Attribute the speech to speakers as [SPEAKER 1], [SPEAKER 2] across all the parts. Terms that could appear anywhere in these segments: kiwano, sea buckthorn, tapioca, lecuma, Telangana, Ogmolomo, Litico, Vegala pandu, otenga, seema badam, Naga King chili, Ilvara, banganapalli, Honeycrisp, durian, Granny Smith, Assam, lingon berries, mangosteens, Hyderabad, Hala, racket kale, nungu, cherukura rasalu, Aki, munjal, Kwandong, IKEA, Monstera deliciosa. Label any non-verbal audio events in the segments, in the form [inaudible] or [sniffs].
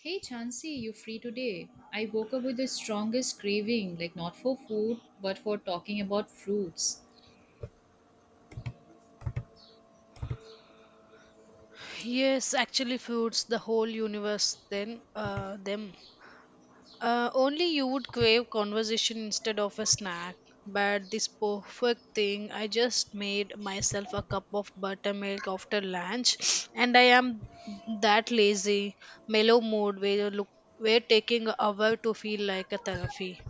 [SPEAKER 1] Hey Chansey, you free today? I woke up with the strongest craving, like not for food, but for talking about fruits.
[SPEAKER 2] Yes, actually foods the whole universe then them. Only you would crave conversation instead of a snack. But this perfect thing, I just made myself a cup of buttermilk after lunch, [sniffs] and I am that lazy, mellow mood where you look, where taking a hour to feel like a therapy.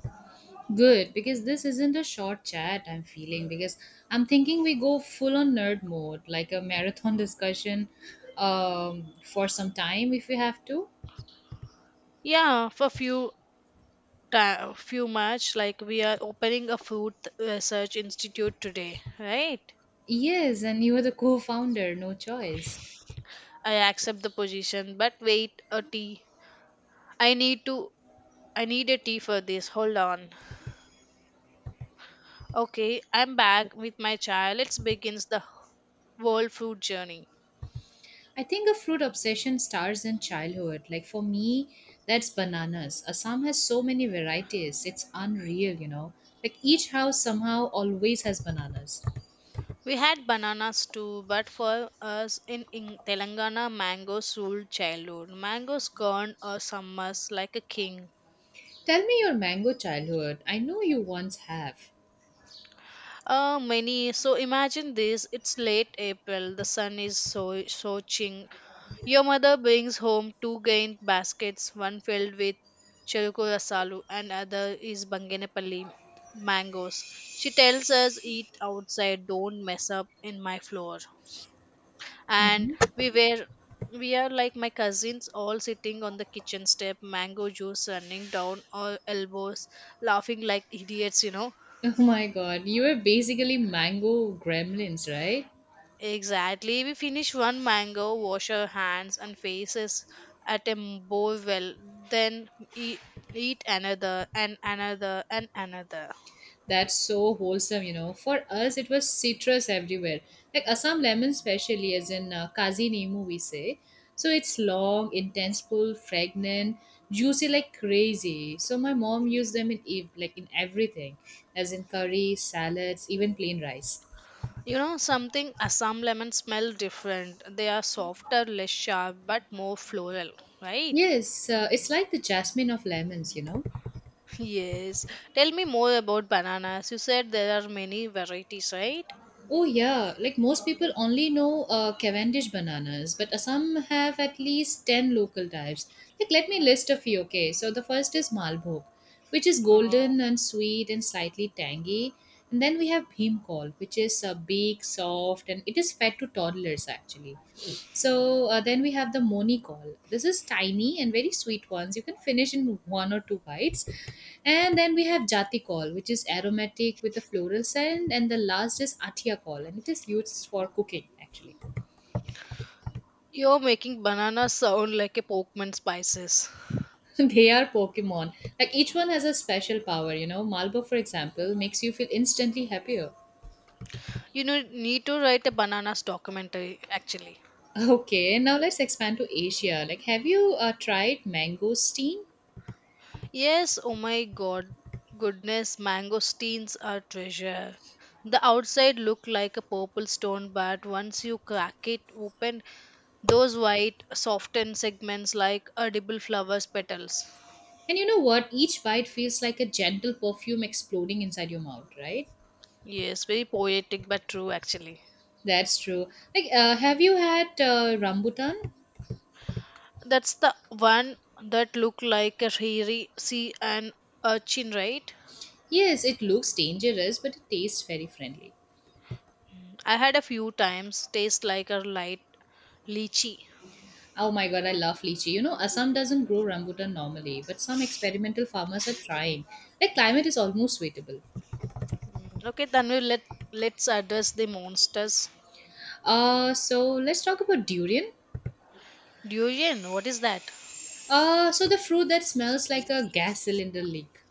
[SPEAKER 1] Good, because this isn't a short chat I'm feeling, because I'm thinking we go full on nerd mode, like a marathon [laughs] discussion for some time if we have to.
[SPEAKER 2] Yeah, for few ta few much like we are opening a food research institute today, right?
[SPEAKER 1] Yes, and you are the co founder, no choice.
[SPEAKER 2] I accept the position, but wait, a tea. I need to I need a tea for this. Hold on. Okay, I'm back with my chai. Let's begin the world food journey.
[SPEAKER 1] I think a fruit obsession starts in childhood. Like for me, that's bananas. Assam has so many varieties. It's unreal, you know. Like each house somehow always has bananas.
[SPEAKER 2] We had bananas too, but for us in Telangana, mangoes ruled childhood. Mangoes gone or summers like a king.
[SPEAKER 1] Tell me your mango childhood. I know you once have.
[SPEAKER 2] Many. So imagine this: it's late April, the sun is so soaking. Your mother brings home two grain baskets, one filled with cherukura rasalu and other is banganapalli mangoes. She tells us eat outside, don't mess up in my floor. And we were we are like my cousins all sitting on the kitchen step, mango juice running down our elbows, laughing like idiots, you know.
[SPEAKER 1] [laughs] Oh my god, you were basically mango gremlins, right?
[SPEAKER 2] Exactly. We finish one mango, wash our hands and faces at a bowl well, then eat, eat another and another and another.
[SPEAKER 1] That's so wholesome, you know. For us, it was citrus everywhere, like Assam lemon, especially as in Kazi Nemu, we say. So it's long, intense, full, fragrant, juicy like crazy. So my mom used them in like in everything, as in curry, salads, even plain rice.
[SPEAKER 2] You know, something Assam lemons smell different. They are softer, less sharp, but more floral, right? [laughs]
[SPEAKER 1] Yes, it's like the jasmine of lemons, you know.
[SPEAKER 2] Yes. Tell me more about bananas. You said there are many varieties, right?
[SPEAKER 1] Oh yeah, like most people only know Cavendish bananas, but some have at least 10 local types. Like let me list a few, okay? So the first is Malbhog, which is
[SPEAKER 2] Uh,
[SPEAKER 1] golden and sweet and slightly tangy. And then we have Bhimkol, which is big, soft, and it is fed to toddlers actually. So then we have the Moni call. This is tiny and very sweet ones. You can finish in one or two bites. And then we have Jati call, which is aromatic with a floral scent. And the last is Atia call, and it is used for cooking actually.
[SPEAKER 2] you're making bananas sound like a Pokemon spices.
[SPEAKER 1] [laughs] They are Pokemon. Like each one has a special power, you know. Malbo, for example, makes you feel instantly happier. [laughs]
[SPEAKER 2] You know, need to write a bananas documentary, actually.
[SPEAKER 1] Okay, now let's expand to Asia. Like, have you tried mangosteen?
[SPEAKER 2] Yes, oh my god, goodness, mangosteens are treasure. The outside look like a purple stone, but once you crack it open, those white, softened segments like edible flowers petals.
[SPEAKER 1] And you know what? Each bite feels like a gentle perfume exploding inside your mouth, right?
[SPEAKER 2] Yes, very poetic but true actually.
[SPEAKER 1] That's true. Like, have you had rambutan?
[SPEAKER 2] That's the one that look like a hairy sea and urchin, right?
[SPEAKER 1] Yes, it looks dangerous, but it tastes very friendly.
[SPEAKER 2] Mm, I had a few times. Taste like a light lychee.
[SPEAKER 1] Oh my god, I love lychee. You know, Assam doesn't grow rambutan normally, but some experimental farmers are trying. Like, climate is almost suitable.
[SPEAKER 2] Mm, okay, then we let let's address the monsters.
[SPEAKER 1] So let's talk about durian.
[SPEAKER 2] Durian, what is that?
[SPEAKER 1] So the fruit that smells like a gas cylinder leak.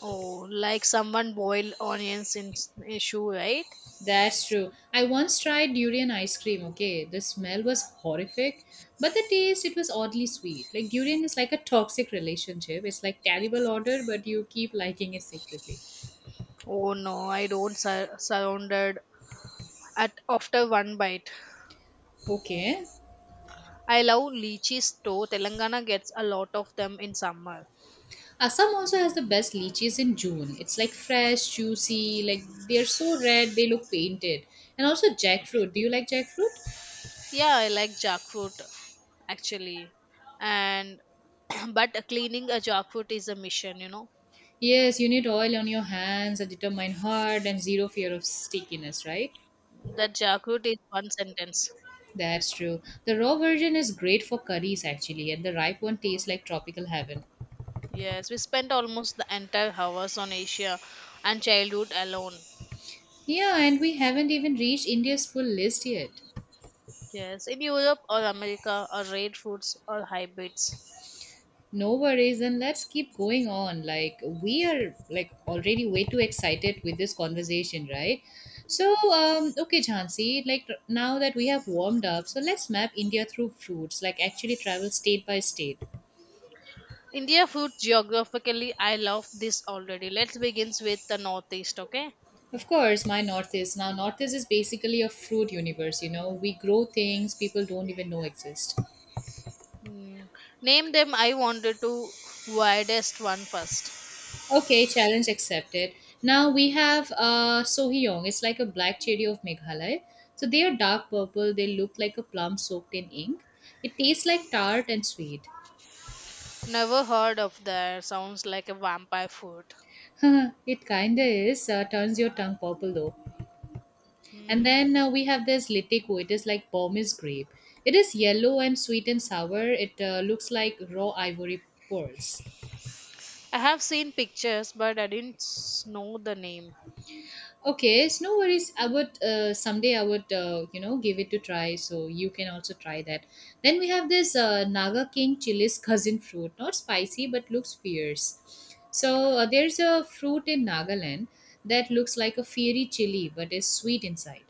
[SPEAKER 2] Oh, like someone boiled onions in a shoe, right?
[SPEAKER 1] That's true. I once tried durian ice cream, okay? The smell was horrific, but the taste, it was oddly sweet. Like, durian is like a toxic relationship. It's like terrible odor, but you keep liking it secretly.
[SPEAKER 2] Oh no, I don't surrounded at after one bite.
[SPEAKER 1] Okay.
[SPEAKER 2] I love lychees though. Telangana gets a lot of them in summer.
[SPEAKER 1] Assam also has the best lychees in June. It's like fresh, juicy, like they're so red, they look painted. And also jackfruit. Do you like jackfruit?
[SPEAKER 2] Yeah, I like jackfruit actually, and [clears throat] but cleaning a jackfruit is a mission, you know.
[SPEAKER 1] Yes, you need oil on your hands, a determined heart, and zero fear of stickiness, right?
[SPEAKER 2] That jackfruit is one sentence.
[SPEAKER 1] That's true. The raw version is great for curries actually, and the ripe one tastes like tropical heaven.
[SPEAKER 2] Yes, we spent almost the entire hours on Asia and childhood alone.
[SPEAKER 1] Yeah, and we haven't even reached India's full list yet.
[SPEAKER 2] Yes, in Europe or America are rare foods or hybrids.
[SPEAKER 1] No worries, and let's keep going on. Like we are like already way too excited with this conversation, right? So, okay, Jhansi, like now that we have warmed up, so let's map India through fruits, like actually travel state by state.
[SPEAKER 2] India food geographically, I love this already. Let's begin with the northeast, okay?
[SPEAKER 1] Of course, my Northeast. Now, Northeast is basically a fruit universe, you know. We grow things people don't even know exist.
[SPEAKER 2] Hmm. Name them. I wanted to widest one first.
[SPEAKER 1] Okay, challenge accepted. Now we have Sohyong. It's like a black cherry of Meghalaya. So they are dark purple. They look like a plum soaked in ink. It tastes like tart and sweet.
[SPEAKER 2] Never heard of that. Sounds like a vampire food.
[SPEAKER 1] [laughs] It kinda is. Turns your tongue purple though. And
[SPEAKER 2] Hmm.
[SPEAKER 1] then we have this Litico. It is like Burmese grape. It is yellow and sweet and sour. It looks like raw ivory pearls.
[SPEAKER 2] I have seen pictures, but I didn't know the name.
[SPEAKER 1] Okay, it's no worries. I would someday I would you know give it to try, so you can also try that. Then we have this Naga King chili's cousin fruit, not spicy but looks fierce. So there's a fruit in Nagaland that looks like a fiery chili but is sweet inside.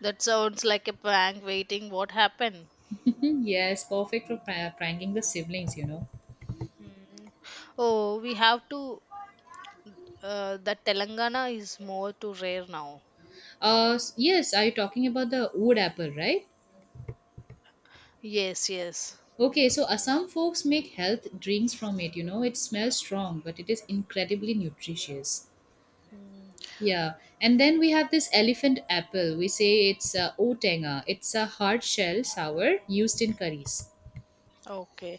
[SPEAKER 2] That sounds like a prank waiting. What happened?
[SPEAKER 1] Mhm, yes, perfect for pranking the siblings, you know.
[SPEAKER 2] Hmm. Oh, we have to. That Telangana is more to rare now.
[SPEAKER 1] Yes, are you talking about the wood apple, right?
[SPEAKER 2] Yes, yes.
[SPEAKER 1] Okay, so Assam folks make health drinks from it. You know, it smells strong, but it is incredibly nutritious.
[SPEAKER 2] Mm,
[SPEAKER 1] Yeah, and then we have this elephant apple. We say it's otenga. It's a hard shell sour used in curries.
[SPEAKER 2] okay.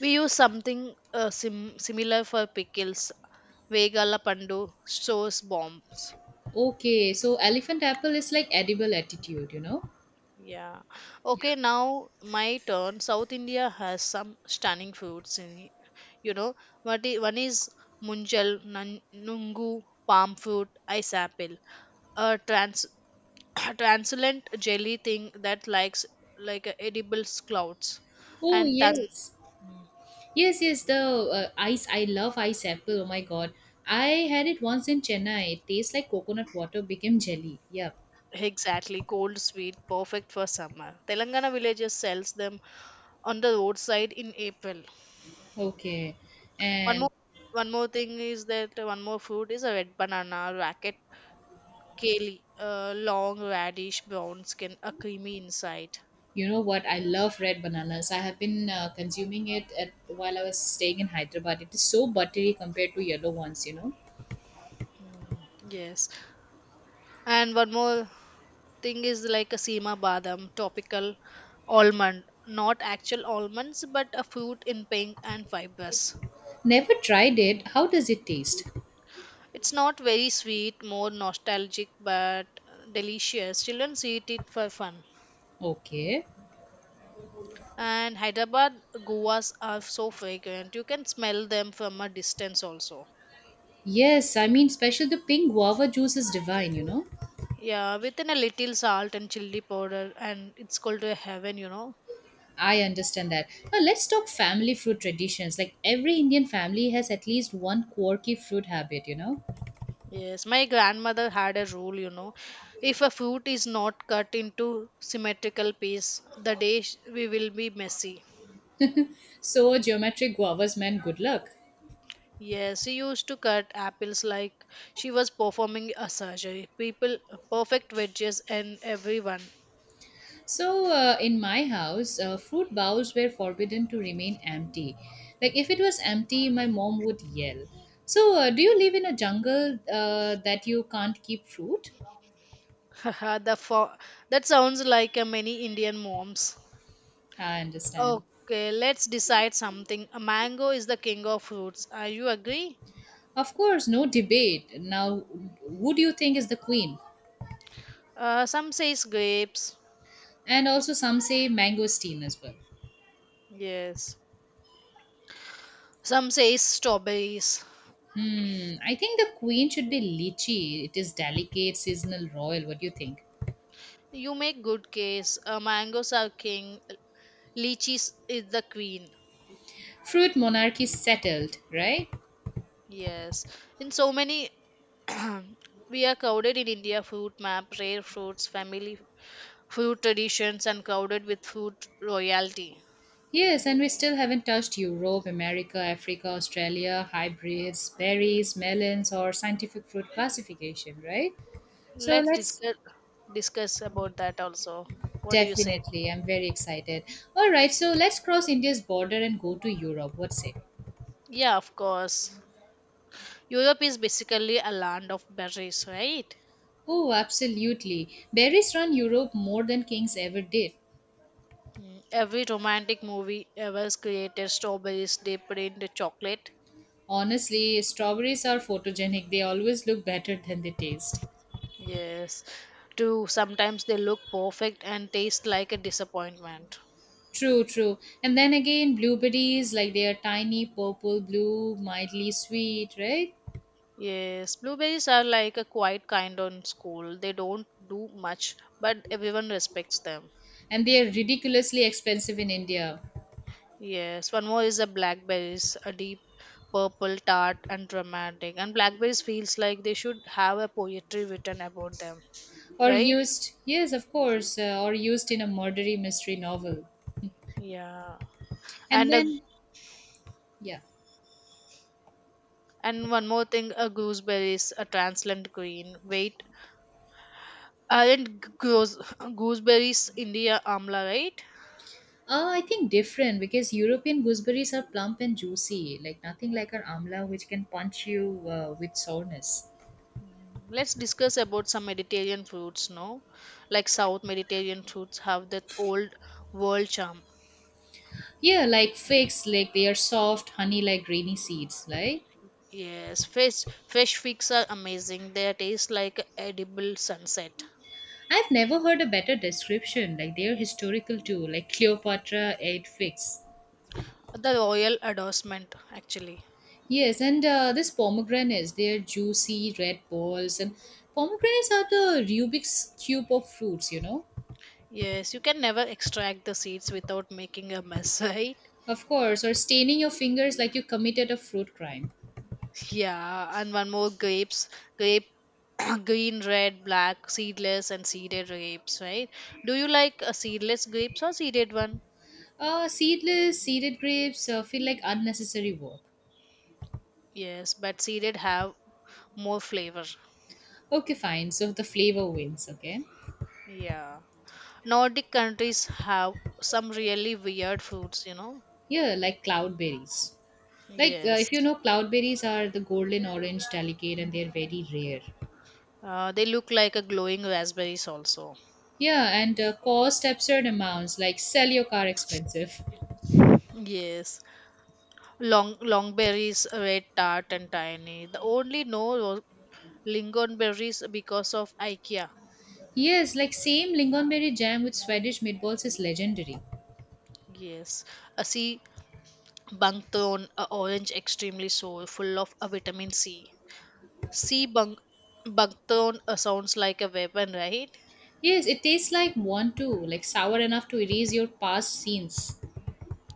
[SPEAKER 2] We use something similar for pickles. Vegala pandu, sauce bombs.
[SPEAKER 1] Okay, so elephant apple is like edible attitude, you know?
[SPEAKER 2] Yeah. Okay, now my turn. South India has some stunning foods in it. You know, what one is munjal, nungu, palm fruit, ice apple. A trans- [coughs] [clears throat] translucent jelly thing that likes like edible clouds.
[SPEAKER 1] Oh,
[SPEAKER 2] And tan.
[SPEAKER 1] yes.
[SPEAKER 2] Mm.
[SPEAKER 1] Yes, yes, the ice. I love ice apple. Oh my god. I had it once in Chennai. It tastes like coconut water became jelly. Yeah.
[SPEAKER 2] Exactly, cold sweet, perfect for summer. Telangana villages sells them on the roadside in April.
[SPEAKER 1] Okay.
[SPEAKER 2] One more,
[SPEAKER 1] And
[SPEAKER 2] one more thing is that one more fruit is a red banana, racket kale, long radish, brown skin, a creamy inside.
[SPEAKER 1] you know what? I love red bananas. I have been consuming it at, while I was staying in Hyderabad. It is so buttery compared to yellow ones, you know?
[SPEAKER 2] Mm, yes, and one more thing is like a seema badam, topical almond, not actual almonds, but a fruit in pink and fibrous.
[SPEAKER 1] Never tried it. How does it taste?
[SPEAKER 2] It's not very sweet, more nostalgic, but delicious. Children eat it for fun.
[SPEAKER 1] Okay.
[SPEAKER 2] And Hyderabad guas are so fragrant. You can smell them from a distance also.
[SPEAKER 1] Yes, I mean, special the pink guava juice is divine, you know.
[SPEAKER 2] Yeah, within a little salt and chili powder, and it's called a heaven, you know.
[SPEAKER 1] I understand that. Now let's talk family fruit traditions. Like every Indian family has at least one quirky fruit habit, you know.
[SPEAKER 2] Yes, my grandmother had a rule, you know. If a fruit is not cut into symmetrical piece, the day we will be messy.
[SPEAKER 1] So geometric guavas meant good luck.
[SPEAKER 2] Yes, she used to cut apples like she was performing a surgery. People, perfect wedges, and everyone.
[SPEAKER 1] So in my house, fruit bowls were forbidden to remain empty. Like if it was empty, my mom would yell. So do you live in a jungle that you can't keep fruit?
[SPEAKER 2] [laughs] Haha, the that sounds like a many Indian moms.
[SPEAKER 1] I understand.
[SPEAKER 2] Okay, let's decide something. A mango is the king of fruits. Are you agree?
[SPEAKER 1] Of course, no debate. Now, who do you think is the queen?
[SPEAKER 2] Some says grapes.
[SPEAKER 1] And also, some say mangosteen as well.
[SPEAKER 2] Yes. Some says strawberries.
[SPEAKER 1] Hmm, I think the queen should be lychee. It is delicate, seasonal, royal. What do you think?
[SPEAKER 2] You make good case. Mangoes are king. Lychees is the queen.
[SPEAKER 1] Fruit monarchy settled, right?
[SPEAKER 2] Yes. In so many [clears throat] we are crowded in India food map, rare fruits, family food traditions, and crowded with food royalty.
[SPEAKER 1] Yes, and we still haven't touched Europe, America, Africa, Australia, hybrids, berries, melons, or scientific fruit classification, right? So
[SPEAKER 2] Let's
[SPEAKER 1] let's
[SPEAKER 2] discuss discuss about that also. What do you say?
[SPEAKER 1] definitely, I'm very excited. All right, so let's cross India's border and go to Europe. What's it?
[SPEAKER 2] Yeah, of course. Europe is basically a land of berries, right?
[SPEAKER 1] Oh, absolutely. Berries run Europe more than kings ever did.
[SPEAKER 2] Mm, every romantic movie ever has created strawberries dipped in the chocolate.
[SPEAKER 1] Honestly, strawberries are photogenic. They always look better than they taste.
[SPEAKER 2] Yes. Too sometimes they look perfect and taste like a disappointment.
[SPEAKER 1] True, true. And then again, blueberries, like they are tiny, purple, blue, mildly sweet, right?
[SPEAKER 2] Yes, blueberries are like a quiet kind on school. They don't do much, but everyone respects them.
[SPEAKER 1] And they are ridiculously expensive in India.
[SPEAKER 2] Yes, one more is the blackberries, a deep purple, tart, and dramatic. And blackberries feels like they should have a poetry written about them,
[SPEAKER 1] Or
[SPEAKER 2] right?
[SPEAKER 1] used, yes, of course, or used in a murdery mystery novel.
[SPEAKER 2] Yeah.
[SPEAKER 1] And
[SPEAKER 2] And a,
[SPEAKER 1] then, yeah.
[SPEAKER 2] and one more thing, a gooseberry is a translucent green. Wait, aren't goose, [laughs] gooseberries India amla, right?
[SPEAKER 1] I think different because European gooseberries are plump and juicy, like nothing like our amla which can punch you with soreness.
[SPEAKER 2] Let's discuss about some Mediterranean foods, no? Like South Mediterranean foods have that old world charm.
[SPEAKER 1] Yeah, like figs, like they are soft, honey like grainy seeds. Like
[SPEAKER 2] Yes, fish fish figs are amazing. They taste like edible sunset.
[SPEAKER 1] I've never heard a better description. Like they are historical too, like Cleopatra ate figs.
[SPEAKER 2] The royal endorsement, actually.
[SPEAKER 1] Yes, and this pomegranates, they are juicy red balls, and pomegranates are the Rubik's cube of fruits. You know,
[SPEAKER 2] Yes, you can never extract the seeds without making a mess, [laughs] right?
[SPEAKER 1] of course, or staining your fingers like you committed a fruit crime.
[SPEAKER 2] Yeah, and one more grapes, grape [coughs] [clears throat] green, red, black, seedless, and seeded grapes, right? Do you like seedless grapes or seeded one?
[SPEAKER 1] Seedless, seeded grapes feel like unnecessary work.
[SPEAKER 2] Yes, but seeded have more flavor.
[SPEAKER 1] Okay, fine. So the flavor wins, okay?
[SPEAKER 2] Yeah. Nordic countries have some really weird fruits, you know.
[SPEAKER 1] Yeah, like cloudberries. Like,
[SPEAKER 2] Yes.
[SPEAKER 1] if you know, cloudberries are the golden orange delicate and they're very rare.
[SPEAKER 2] They look like a glowing raspberries also.
[SPEAKER 1] Yeah, and cost absurd amounts, like sell your car expensive.
[SPEAKER 2] Yes. Long long berries, red tart and tiny. The only no lingon berries because of IKEA.
[SPEAKER 1] Yes, like same lingonberry jam with Swedish meatballs is legendary.
[SPEAKER 2] Yes. A sea bunkthorn, a orange extremely sour, full of a vitamin C. Sea bunkthorn sounds like a weapon, right?
[SPEAKER 1] Yes, it tastes like one too, like sour enough to erase your past scenes.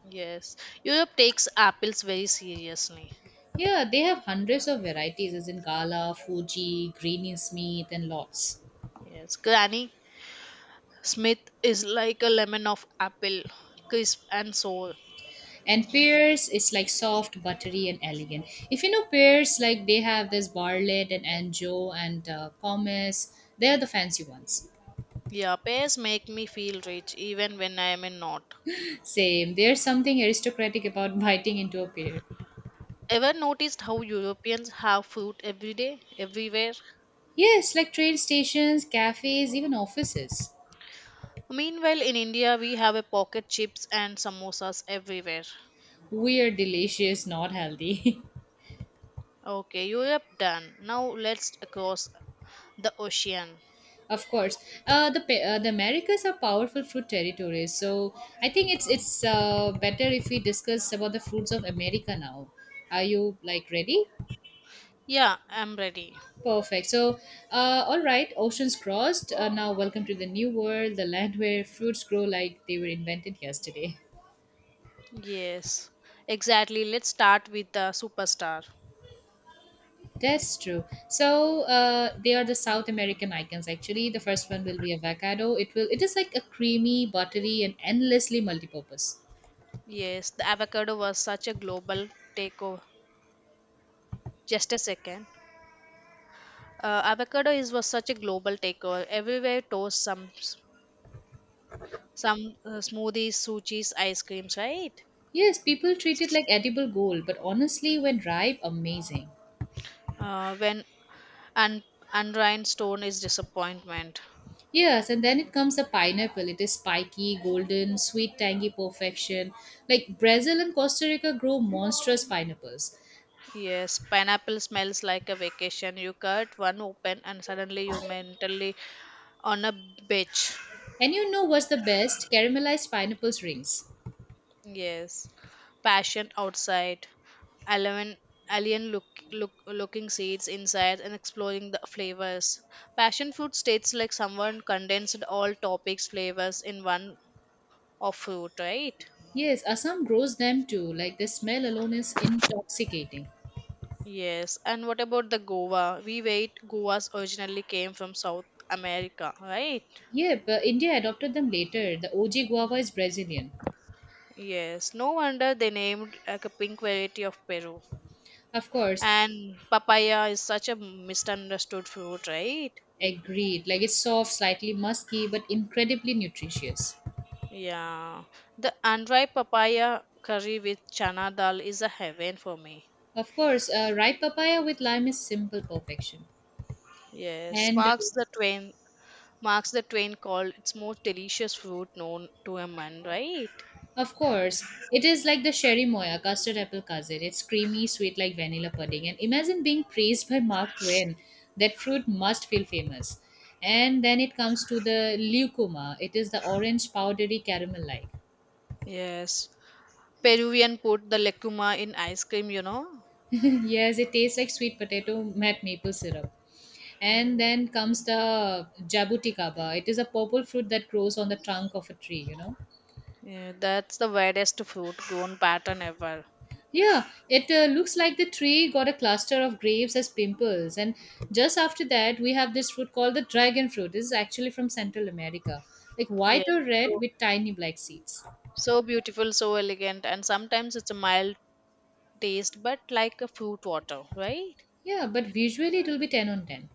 [SPEAKER 2] Yes, Europe takes apples very seriously.
[SPEAKER 1] Yeah, they have hundreds of varieties, as in Gala, Fuji, Greeny Smith, and lots.
[SPEAKER 2] Yes, Granny Smith is like a lemon of apple, crisp and sour.
[SPEAKER 1] And pears is like soft, buttery, and elegant. If you know pears, like they have this Bartlett and Anjou and Pomace, they are the fancy ones.
[SPEAKER 2] Yeah, pears make me feel rich even when I am in not.
[SPEAKER 1] Same, there's something aristocratic about [laughs] biting into a pear.
[SPEAKER 2] Ever noticed how Europeans have fruit every day, everywhere?
[SPEAKER 1] Yes, like train stations, cafes, even offices.
[SPEAKER 2] Meanwhile, in India, we have a pocket chips and samosas everywhere.
[SPEAKER 1] We are delicious, not healthy. [laughs]
[SPEAKER 2] Okay, Europe done. Now let's cross the ocean.
[SPEAKER 1] Of course, the Americas are powerful fruit territories. So I think it's better if we discuss about the fruits of America now. Are you like ready?
[SPEAKER 2] Yeah, I'm ready.
[SPEAKER 1] Perfect. So, all right, oceans crossed. Now, welcome to the new world, the land where fruits grow like they were invented yesterday.
[SPEAKER 2] Yes, exactly. Let's start with the superstar.
[SPEAKER 1] [laughs] That's true. So they are the South American icons. Actually, the first one will be avocado. It will. It is like a creamy, buttery, and endlessly multipurpose.
[SPEAKER 2] Yes, the avocado was such a global takeover. Just a second. Avocado is was such a global takeover. Everywhere toast some smoothies, sushis, ice creams, right?
[SPEAKER 1] Yes, people treat it like edible gold, but honestly, when ripe, amazing.
[SPEAKER 2] When and and rhinestone is disappointment.
[SPEAKER 1] Yes, and then it comes the pineapple. It is spiky, golden, sweet, tangy perfection. Like Brazil and Costa Rica grow monstrous pineapples.
[SPEAKER 2] Yes, pineapple smells like a vacation. You cut one open and suddenly you mentally on a beach.
[SPEAKER 1] And you know what's the best? Caramelized pineapples rings.
[SPEAKER 2] Yes. Passion outside. Alien, alien look, looking seeds inside and exploring the flavors. Passion fruit states like someone condensed all topics, flavors in one of fruit, right?
[SPEAKER 1] Yes, Assam grows them too. Like the smell alone is intoxicating.
[SPEAKER 2] Yes. And what about the Goa? We wait. Goa's originally came from South America, right?
[SPEAKER 1] Yeah, but India adopted them later. The OG guava is Brazilian.
[SPEAKER 2] Yes. No wonder they named like a pink variety of Peru.
[SPEAKER 1] Of course,
[SPEAKER 2] And papaya is such a misunderstood fruit, right?
[SPEAKER 1] agreed. Like it's soft, slightly musky, but incredibly nutritious.
[SPEAKER 2] Yeah, the andhra papaya curry with chana dal is a heaven for me.
[SPEAKER 1] Of course, ripe papaya with lime is simple perfection.
[SPEAKER 2] Yes,
[SPEAKER 1] And
[SPEAKER 2] marks the twain called its most delicious fruit known to a man, right?
[SPEAKER 1] of course, it is like the sherry moya, custard apple cousin. It's creamy, sweet like vanilla pudding. And imagine being praised by Mark Twain. That fruit must feel famous. And then it comes to the leucoma. It is the orange powdery caramel like.
[SPEAKER 2] Yes, Peruvian put the lecuma in ice cream, you know.
[SPEAKER 1] [laughs] Yes, it tastes like sweet potato met maple syrup. And then comes the jabuticaba. It is a purple fruit that grows on the trunk of a tree.
[SPEAKER 2] Yeah, that's the weirdest fruit grown pattern ever.
[SPEAKER 1] Yeah, it looks like the tree got a cluster of grapes as pimples. And just after that, we have this fruit called the dragon fruit. This is actually from Central America, like
[SPEAKER 2] Yeah,
[SPEAKER 1] white or red
[SPEAKER 2] so,
[SPEAKER 1] with tiny black seeds.
[SPEAKER 2] so beautiful, so elegant, and sometimes it's a mild taste, but like a fruit water, right?
[SPEAKER 1] Yeah, but visually it will be 10 on 10.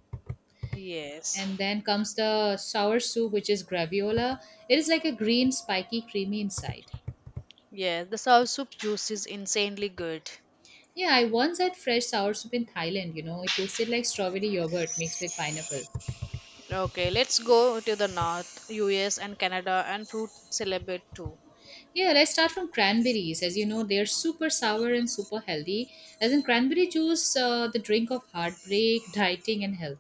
[SPEAKER 2] Yes.
[SPEAKER 1] And then comes the sour soup, which is graviola. It is like a green, spiky, creamy inside.
[SPEAKER 2] Yeah, the sour soup juice is insanely good.
[SPEAKER 1] Yeah, I once had fresh sour soup in Thailand. It tasted like strawberry yogurt mixed with pineapple.
[SPEAKER 2] Okay, let's go to the north, US and Canada and fruit celebrate too.
[SPEAKER 1] Yeah, let's start from cranberries. As you know, they're super sour and super healthy. As in cranberry juice, the drink of heartbreak, dieting, and health.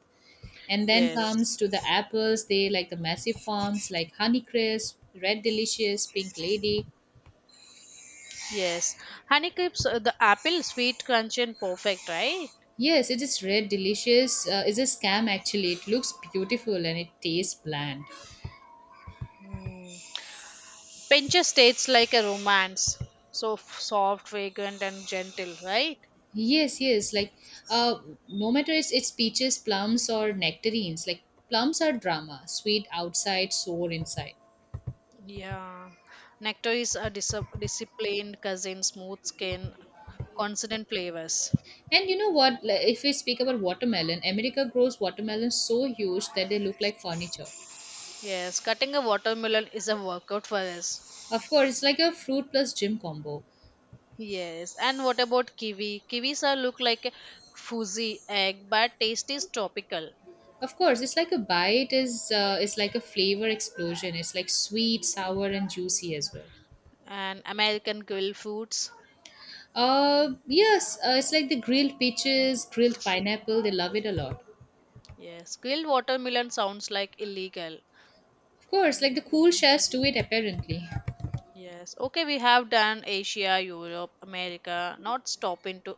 [SPEAKER 1] And then
[SPEAKER 2] Yes,
[SPEAKER 1] comes to the apples. They like the massive forms like Honeycrisp, Red Delicious, Pink Lady.
[SPEAKER 2] yes. Honeycrisp, the apple, sweet, crunchy, and perfect, right?
[SPEAKER 1] Yes, it is Red Delicious. Is a scam actually. It looks beautiful and it tastes bland.
[SPEAKER 2] Pinches tastes like a romance. So soft, fragrant, and gentle, right?
[SPEAKER 1] Yes, yes. Uh, no matter it's peaches, plums, or nectarines. Like plums are drama, sweet outside, sour inside.
[SPEAKER 2] Yeah. Nectar is a disciplined cousin, smooth skin, consonant flavors.
[SPEAKER 1] And you know what? Like, if we speak about watermelon, America grows watermelons so huge that they look like furniture.
[SPEAKER 2] Yes, cutting a watermelon is a workout for us.
[SPEAKER 1] Of course, it's like a fruit plus gym combo.
[SPEAKER 2] Yes, and what about kiwi? Kiwis are look like a fuzzy egg, but taste is tropical.
[SPEAKER 1] Of course, it's like a bite is it's like a flavor explosion. It's like sweet, sour, and juicy as well.
[SPEAKER 2] And American grilled fruits.
[SPEAKER 1] Yes, it's like the grilled peaches, grilled pineapple. They love it a lot.
[SPEAKER 2] Yes, grilled watermelon sounds like illegal.
[SPEAKER 1] Of course, like the cool chefs do it apparently.
[SPEAKER 2] Yes, okay, we have done Asia, Europe, America. Not stop into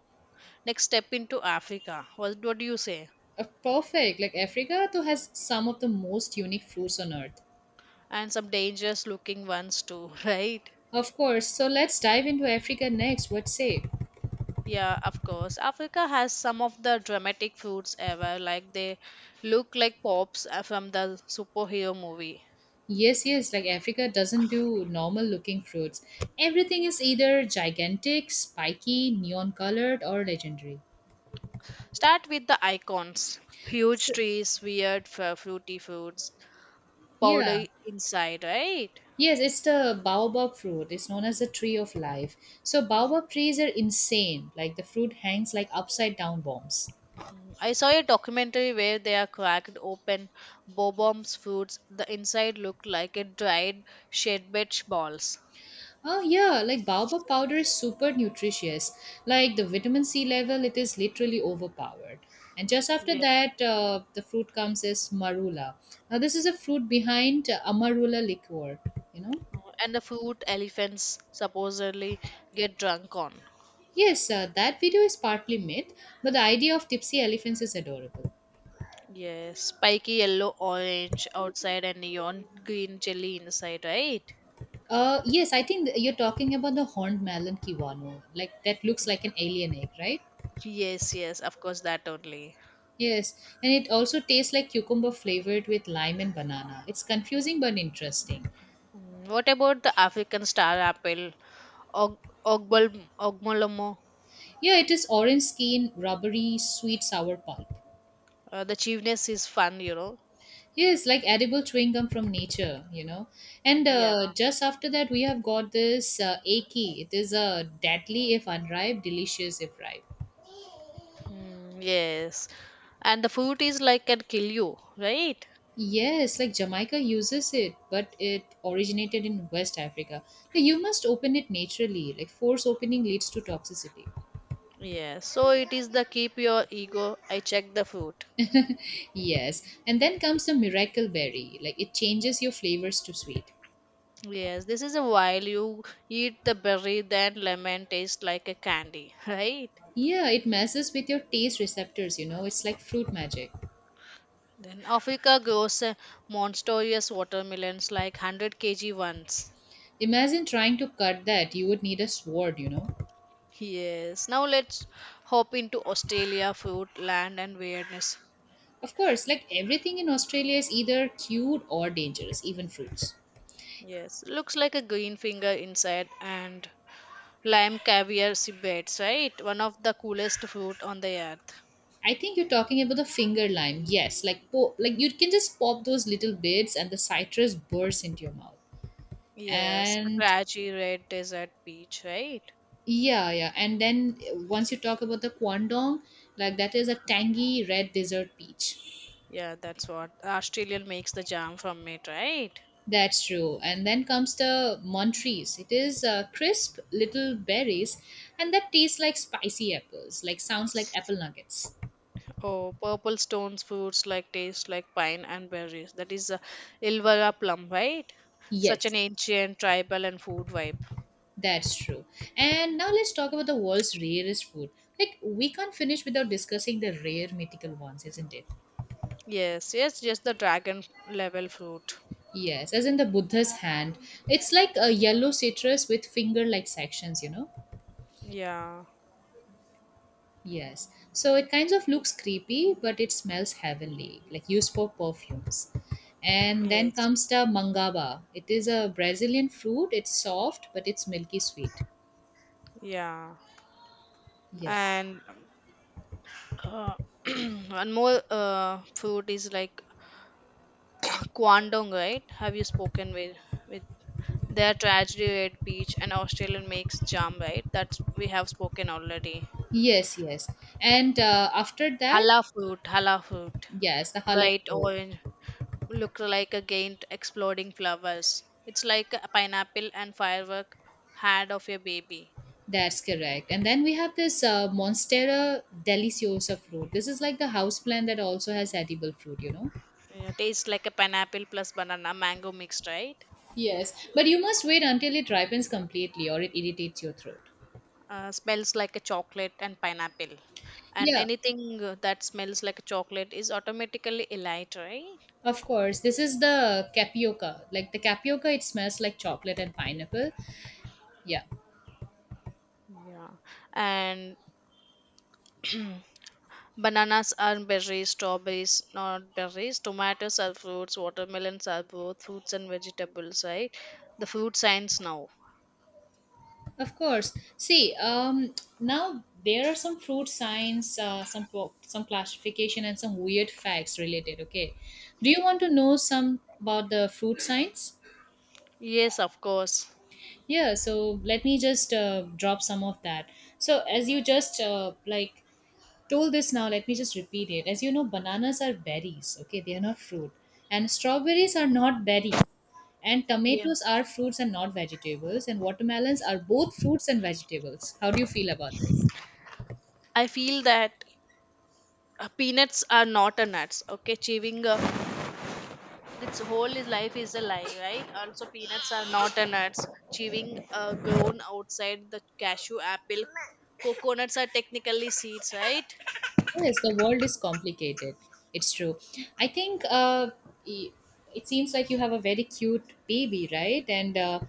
[SPEAKER 2] next step into Africa. What do you say?
[SPEAKER 1] Perfect. Like Africa, too has some of the most unique fruits on earth.
[SPEAKER 2] And some dangerous looking ones too, [laughs] right?
[SPEAKER 1] Of course. So let's dive into Africa next. What say?
[SPEAKER 2] Yeah, of course. Africa has some of the dramatic foods ever, like they look like pops from the superhero movie.
[SPEAKER 1] Yes, yes, like Africa doesn't do normal looking fruits. Everything is either gigantic, spiky, neon colored, or legendary.
[SPEAKER 2] Start with the icons huge
[SPEAKER 1] So,
[SPEAKER 2] trees, weird fruity fruits,
[SPEAKER 1] yeah.
[SPEAKER 2] powder inside, right?
[SPEAKER 1] Yes, it's the baobab fruit. It's known as the tree of life. So,
[SPEAKER 2] Mm,
[SPEAKER 1] baobab trees are insane. Like the fruit hangs like upside down bombs.
[SPEAKER 2] mm. I saw a documentary where they are cracked open bobombs fruits. The inside looked like a dried shedbed balls.
[SPEAKER 1] Oh yeah, like baobab powder is super nutritious. Like the vitamin C level, it is literally overpowered. And just after
[SPEAKER 2] Yeah.
[SPEAKER 1] that, the fruit comes as marula. Now this is a fruit behind amarula liqueur. You know,
[SPEAKER 2] Mm, and the fruit elephants supposedly get drunk on.
[SPEAKER 1] yes, that video is partly myth, but the idea of tipsy elephants is adorable.
[SPEAKER 2] Yes. Spiky yellow orange outside and neon green jelly inside, right?
[SPEAKER 1] Yes, I think you're talking about the horned melon kiwano, like that looks like an alien egg, right?
[SPEAKER 2] Yes, yes, of course that only.
[SPEAKER 1] Yes, and it also tastes like cucumber flavored with lime and banana. It's confusing but interesting.
[SPEAKER 2] Mm, what about the African star apple, Og- Ogmolomo?
[SPEAKER 1] Yeah, it is orange skin, rubbery, sweet, sour pulp.
[SPEAKER 2] The chewness is fun, you know.
[SPEAKER 1] Yes, like edible chewing gum from nature. And
[SPEAKER 2] Yeah.
[SPEAKER 1] just after that, we have got this Aki. It is a deadly if unripe, delicious if ripe.
[SPEAKER 2] Mm, yes. And the fruit is like can kill you, right?
[SPEAKER 1] Yes, like Jamaica uses it, but it originated in West Africa. Like, you must open it naturally. Like force opening leads to toxicity.
[SPEAKER 2] Yeah. So it is the keep your ego. I check the fruit.
[SPEAKER 1] Yes, and then comes the miracle berry. Like it changes your flavors to sweet.
[SPEAKER 2] Yes. This is a while you eat the berry, then lemon tastes like a candy, [laughs] right?
[SPEAKER 1] Yeah, it messes with your taste receptors. It's like fruit magic.
[SPEAKER 2] Then Africa grows monstrous watermelons like 100 kg ones.
[SPEAKER 1] Imagine trying to cut that. You would need a sword.
[SPEAKER 2] Yes. Now let's hop into Australia food, land and weirdness.
[SPEAKER 1] Of course, like everything in Australia is either cute or dangerous, even fruits.
[SPEAKER 2] Yes. Looks like a green finger inside and lime caviar cibets, right? One of the coolest fruit on the earth.
[SPEAKER 1] I think you're talking about the finger lime. Yes, like you can just pop those little bits and the citrus bursts into your mouth.
[SPEAKER 2] Yes. A
[SPEAKER 1] And
[SPEAKER 2] trashy red desert peach, right?
[SPEAKER 1] yeah, yeah. And then once you talk about the kwandong, like that is a tangy red dessert peach.
[SPEAKER 2] Yeah, that's what. Australian makes the jam from it, right?
[SPEAKER 1] That's true. And then comes the Montrese. It is crisp little berries and that tastes like spicy apples, like sounds like apple nuggets.
[SPEAKER 2] Oh, purple stones fruits like taste like pine and berries. That is a Ilvara plum, right? Such an
[SPEAKER 1] Yes,
[SPEAKER 2] ancient tribal and food vibe.
[SPEAKER 1] that's true. And now let's talk about the world's rarest food. Like, we can't finish without discussing the rare mythical ones, isn't it?
[SPEAKER 2] Yes, yes, just the dragon level fruit.
[SPEAKER 1] Yes, as in the Buddha's hand. It's like a yellow citrus with finger like sections, you know?
[SPEAKER 2] Yeah,
[SPEAKER 1] Yes. So it kind of looks creepy, but it smells heavenly, like used for perfumes. And then
[SPEAKER 2] yes,
[SPEAKER 1] comes the mangaba. It is a Brazilian fruit. It's soft, but it's milky sweet.
[SPEAKER 2] yeah.
[SPEAKER 1] Yes.
[SPEAKER 2] And uh, [clears throat] one more fruit is like [coughs] [clears throat] Kwandong, right? Have you spoken with their tragedy red peach and Australian makes jam, right? That's we have spoken already.
[SPEAKER 1] Yes, yes. And after that,
[SPEAKER 2] Hala fruit,
[SPEAKER 1] yes, the halal
[SPEAKER 2] bright
[SPEAKER 1] fruit.
[SPEAKER 2] orange, look like a giant exploding flowers. It's like a pineapple and firework head of a baby.
[SPEAKER 1] That's correct. And then we have this Monstera deliciosa fruit. This is like the house plant that also has edible fruit, you know?
[SPEAKER 2] Yeah, tastes like a pineapple plus banana mango mixed, right?
[SPEAKER 1] Yes. But you must wait until it ripens completely or it irritates your throat.
[SPEAKER 2] Smells like a chocolate and pineapple. And
[SPEAKER 1] Yeah.
[SPEAKER 2] anything that smells like a chocolate is automatically elite, right?
[SPEAKER 1] Of course, this is the tapioca. Like the tapioca, it smells like chocolate and pineapple. Yeah,
[SPEAKER 2] Yeah. And bananas are berries, strawberries not berries, tomatoes are fruits, watermelons are both fruits and vegetables, right? The food science now.
[SPEAKER 1] of course. See, now there are some fruit science, some classification, and some weird facts related. Okay, do you want to know some about the fruit science?
[SPEAKER 2] Yes, of course.
[SPEAKER 1] Yeah, so let me just drop some of that. So as you just like told this now let me just repeat it, as you know, bananas are berries, okay, they are not fruit, and strawberries are not berries, and
[SPEAKER 2] Yeah.
[SPEAKER 1] tomatoes are fruits and not vegetables, and watermelons are both fruits and vegetables. How do you feel about this?
[SPEAKER 2] I feel that peanuts are not a nuts. Okay, chewing its whole life is a lie, right? Also, peanuts are not a nuts. Chewing grown outside the cashew apple. Coconuts are technically seeds, right?
[SPEAKER 1] Yes, the world is complicated. It's true. I think y- it seems like you have a very cute baby right, and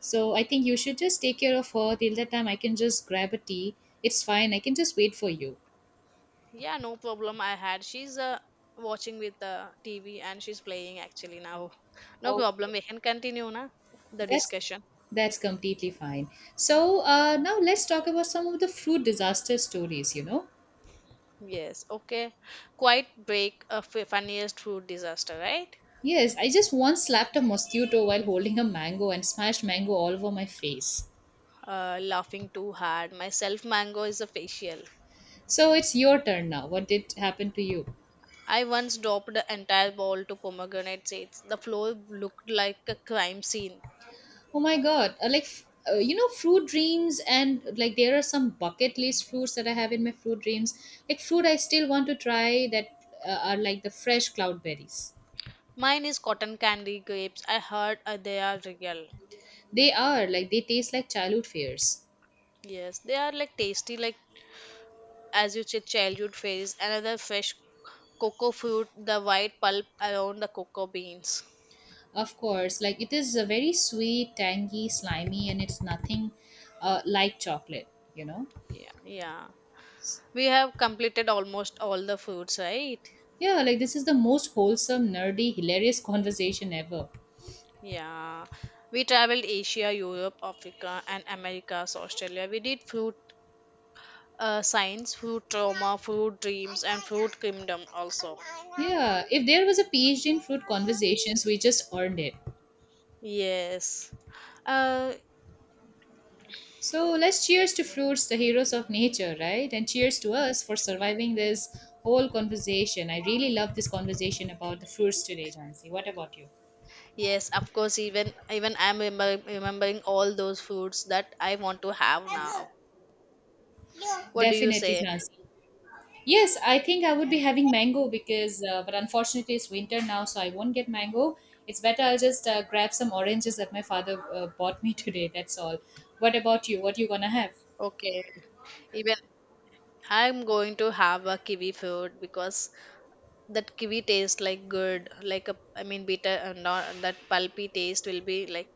[SPEAKER 1] so I think you should just take care of her. Till that time, I can just grab a tea. It's fine. I can just wait for you.
[SPEAKER 2] Yeah, no problem. I had. She's watching with the TV and she's playing actually now. No problem.
[SPEAKER 1] Okay.
[SPEAKER 2] We can continue na the
[SPEAKER 1] That's
[SPEAKER 2] discussion.
[SPEAKER 1] That's completely fine. So now let's talk about some of the fruit disaster stories, you know.
[SPEAKER 2] Yes. Okay. Quite break a funniest food disaster, right?
[SPEAKER 1] Yes, I just once slapped a mosquito while holding a mango and smashed mango all over my face.
[SPEAKER 2] Laughing too hard. Myself, mango is a facial.
[SPEAKER 1] So it's your turn now. What did happen to you?
[SPEAKER 2] I once dropped an entire bowl to pomegranate seeds. The floor looked like a crime scene.
[SPEAKER 1] Oh my god, you know, fruit dreams, and like there are some bucket list fruits that I have in my fruit dreams. Like fruit I still want to try that are like the fresh cloudberries.
[SPEAKER 2] Mine is cotton candy grapes. I heard they are real.
[SPEAKER 1] They are like they taste like childhood fears.
[SPEAKER 2] Yes, they are like tasty, like as you said, childhood phase. Another fresh cocoa fruit, the white pulp around the cocoa beans.
[SPEAKER 1] Of course, like it is a very sweet, tangy, slimy, and it's nothing like chocolate, you know?
[SPEAKER 2] Yeah, yeah. We have completed almost all the fruits, right?
[SPEAKER 1] Yeah, like this is the most wholesome, nerdy, hilarious [laughs] conversation ever.
[SPEAKER 2] Yeah. We traveled Asia, Europe, Africa, and Americas, Australia. We did fruit science, food trauma, food dreams, and food kingdom also.
[SPEAKER 1] Yeah, if there was a PhD in fruit conversations, we just earned it.
[SPEAKER 2] Yes. Uh,
[SPEAKER 1] So let's cheers to fruits, the heroes of nature, right? And cheers to us for surviving this whole conversation. I really love this conversation about the fruits today, Jansi. What about you?
[SPEAKER 2] yes, of course. Even I'm remembering all those foods that I want to have now. What do you
[SPEAKER 1] Definitely,
[SPEAKER 2] say?
[SPEAKER 1] Jansi. Yes, I think I would be having mango because, but unfortunately, it's winter now, so I won't get mango. It's better I'll just grab some oranges that my father bought me [laughs] today. That's all. What about you? What you gonna have?
[SPEAKER 2] Okay. Even I'm going to have a kiwi fruit because that kiwi tastes like good, like a I mean bitter and not that pulpy taste will be like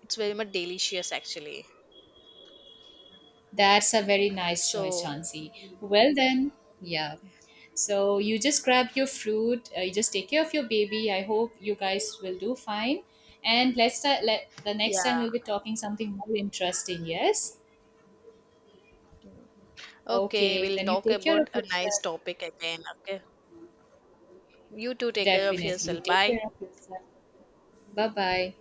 [SPEAKER 2] it's very much delicious actually.
[SPEAKER 1] That's a very nice choice,
[SPEAKER 2] So
[SPEAKER 1] Chansey. Well then, yeah. So you just grab your fruit. You just take care of your baby. I hope you guys will do fine. And let the next time we'll be
[SPEAKER 2] yeah.
[SPEAKER 1] talking something more interesting. Yes.
[SPEAKER 2] Okay,
[SPEAKER 1] Okay.
[SPEAKER 2] we'll
[SPEAKER 1] Then you
[SPEAKER 2] talk
[SPEAKER 1] take care
[SPEAKER 2] about
[SPEAKER 1] of
[SPEAKER 2] a nice
[SPEAKER 1] yourself.
[SPEAKER 2] topic again. Okay. You too take care of
[SPEAKER 1] Definitely. You
[SPEAKER 2] yourself.
[SPEAKER 1] take
[SPEAKER 2] Bye.
[SPEAKER 1] care of yourself. Bye bye.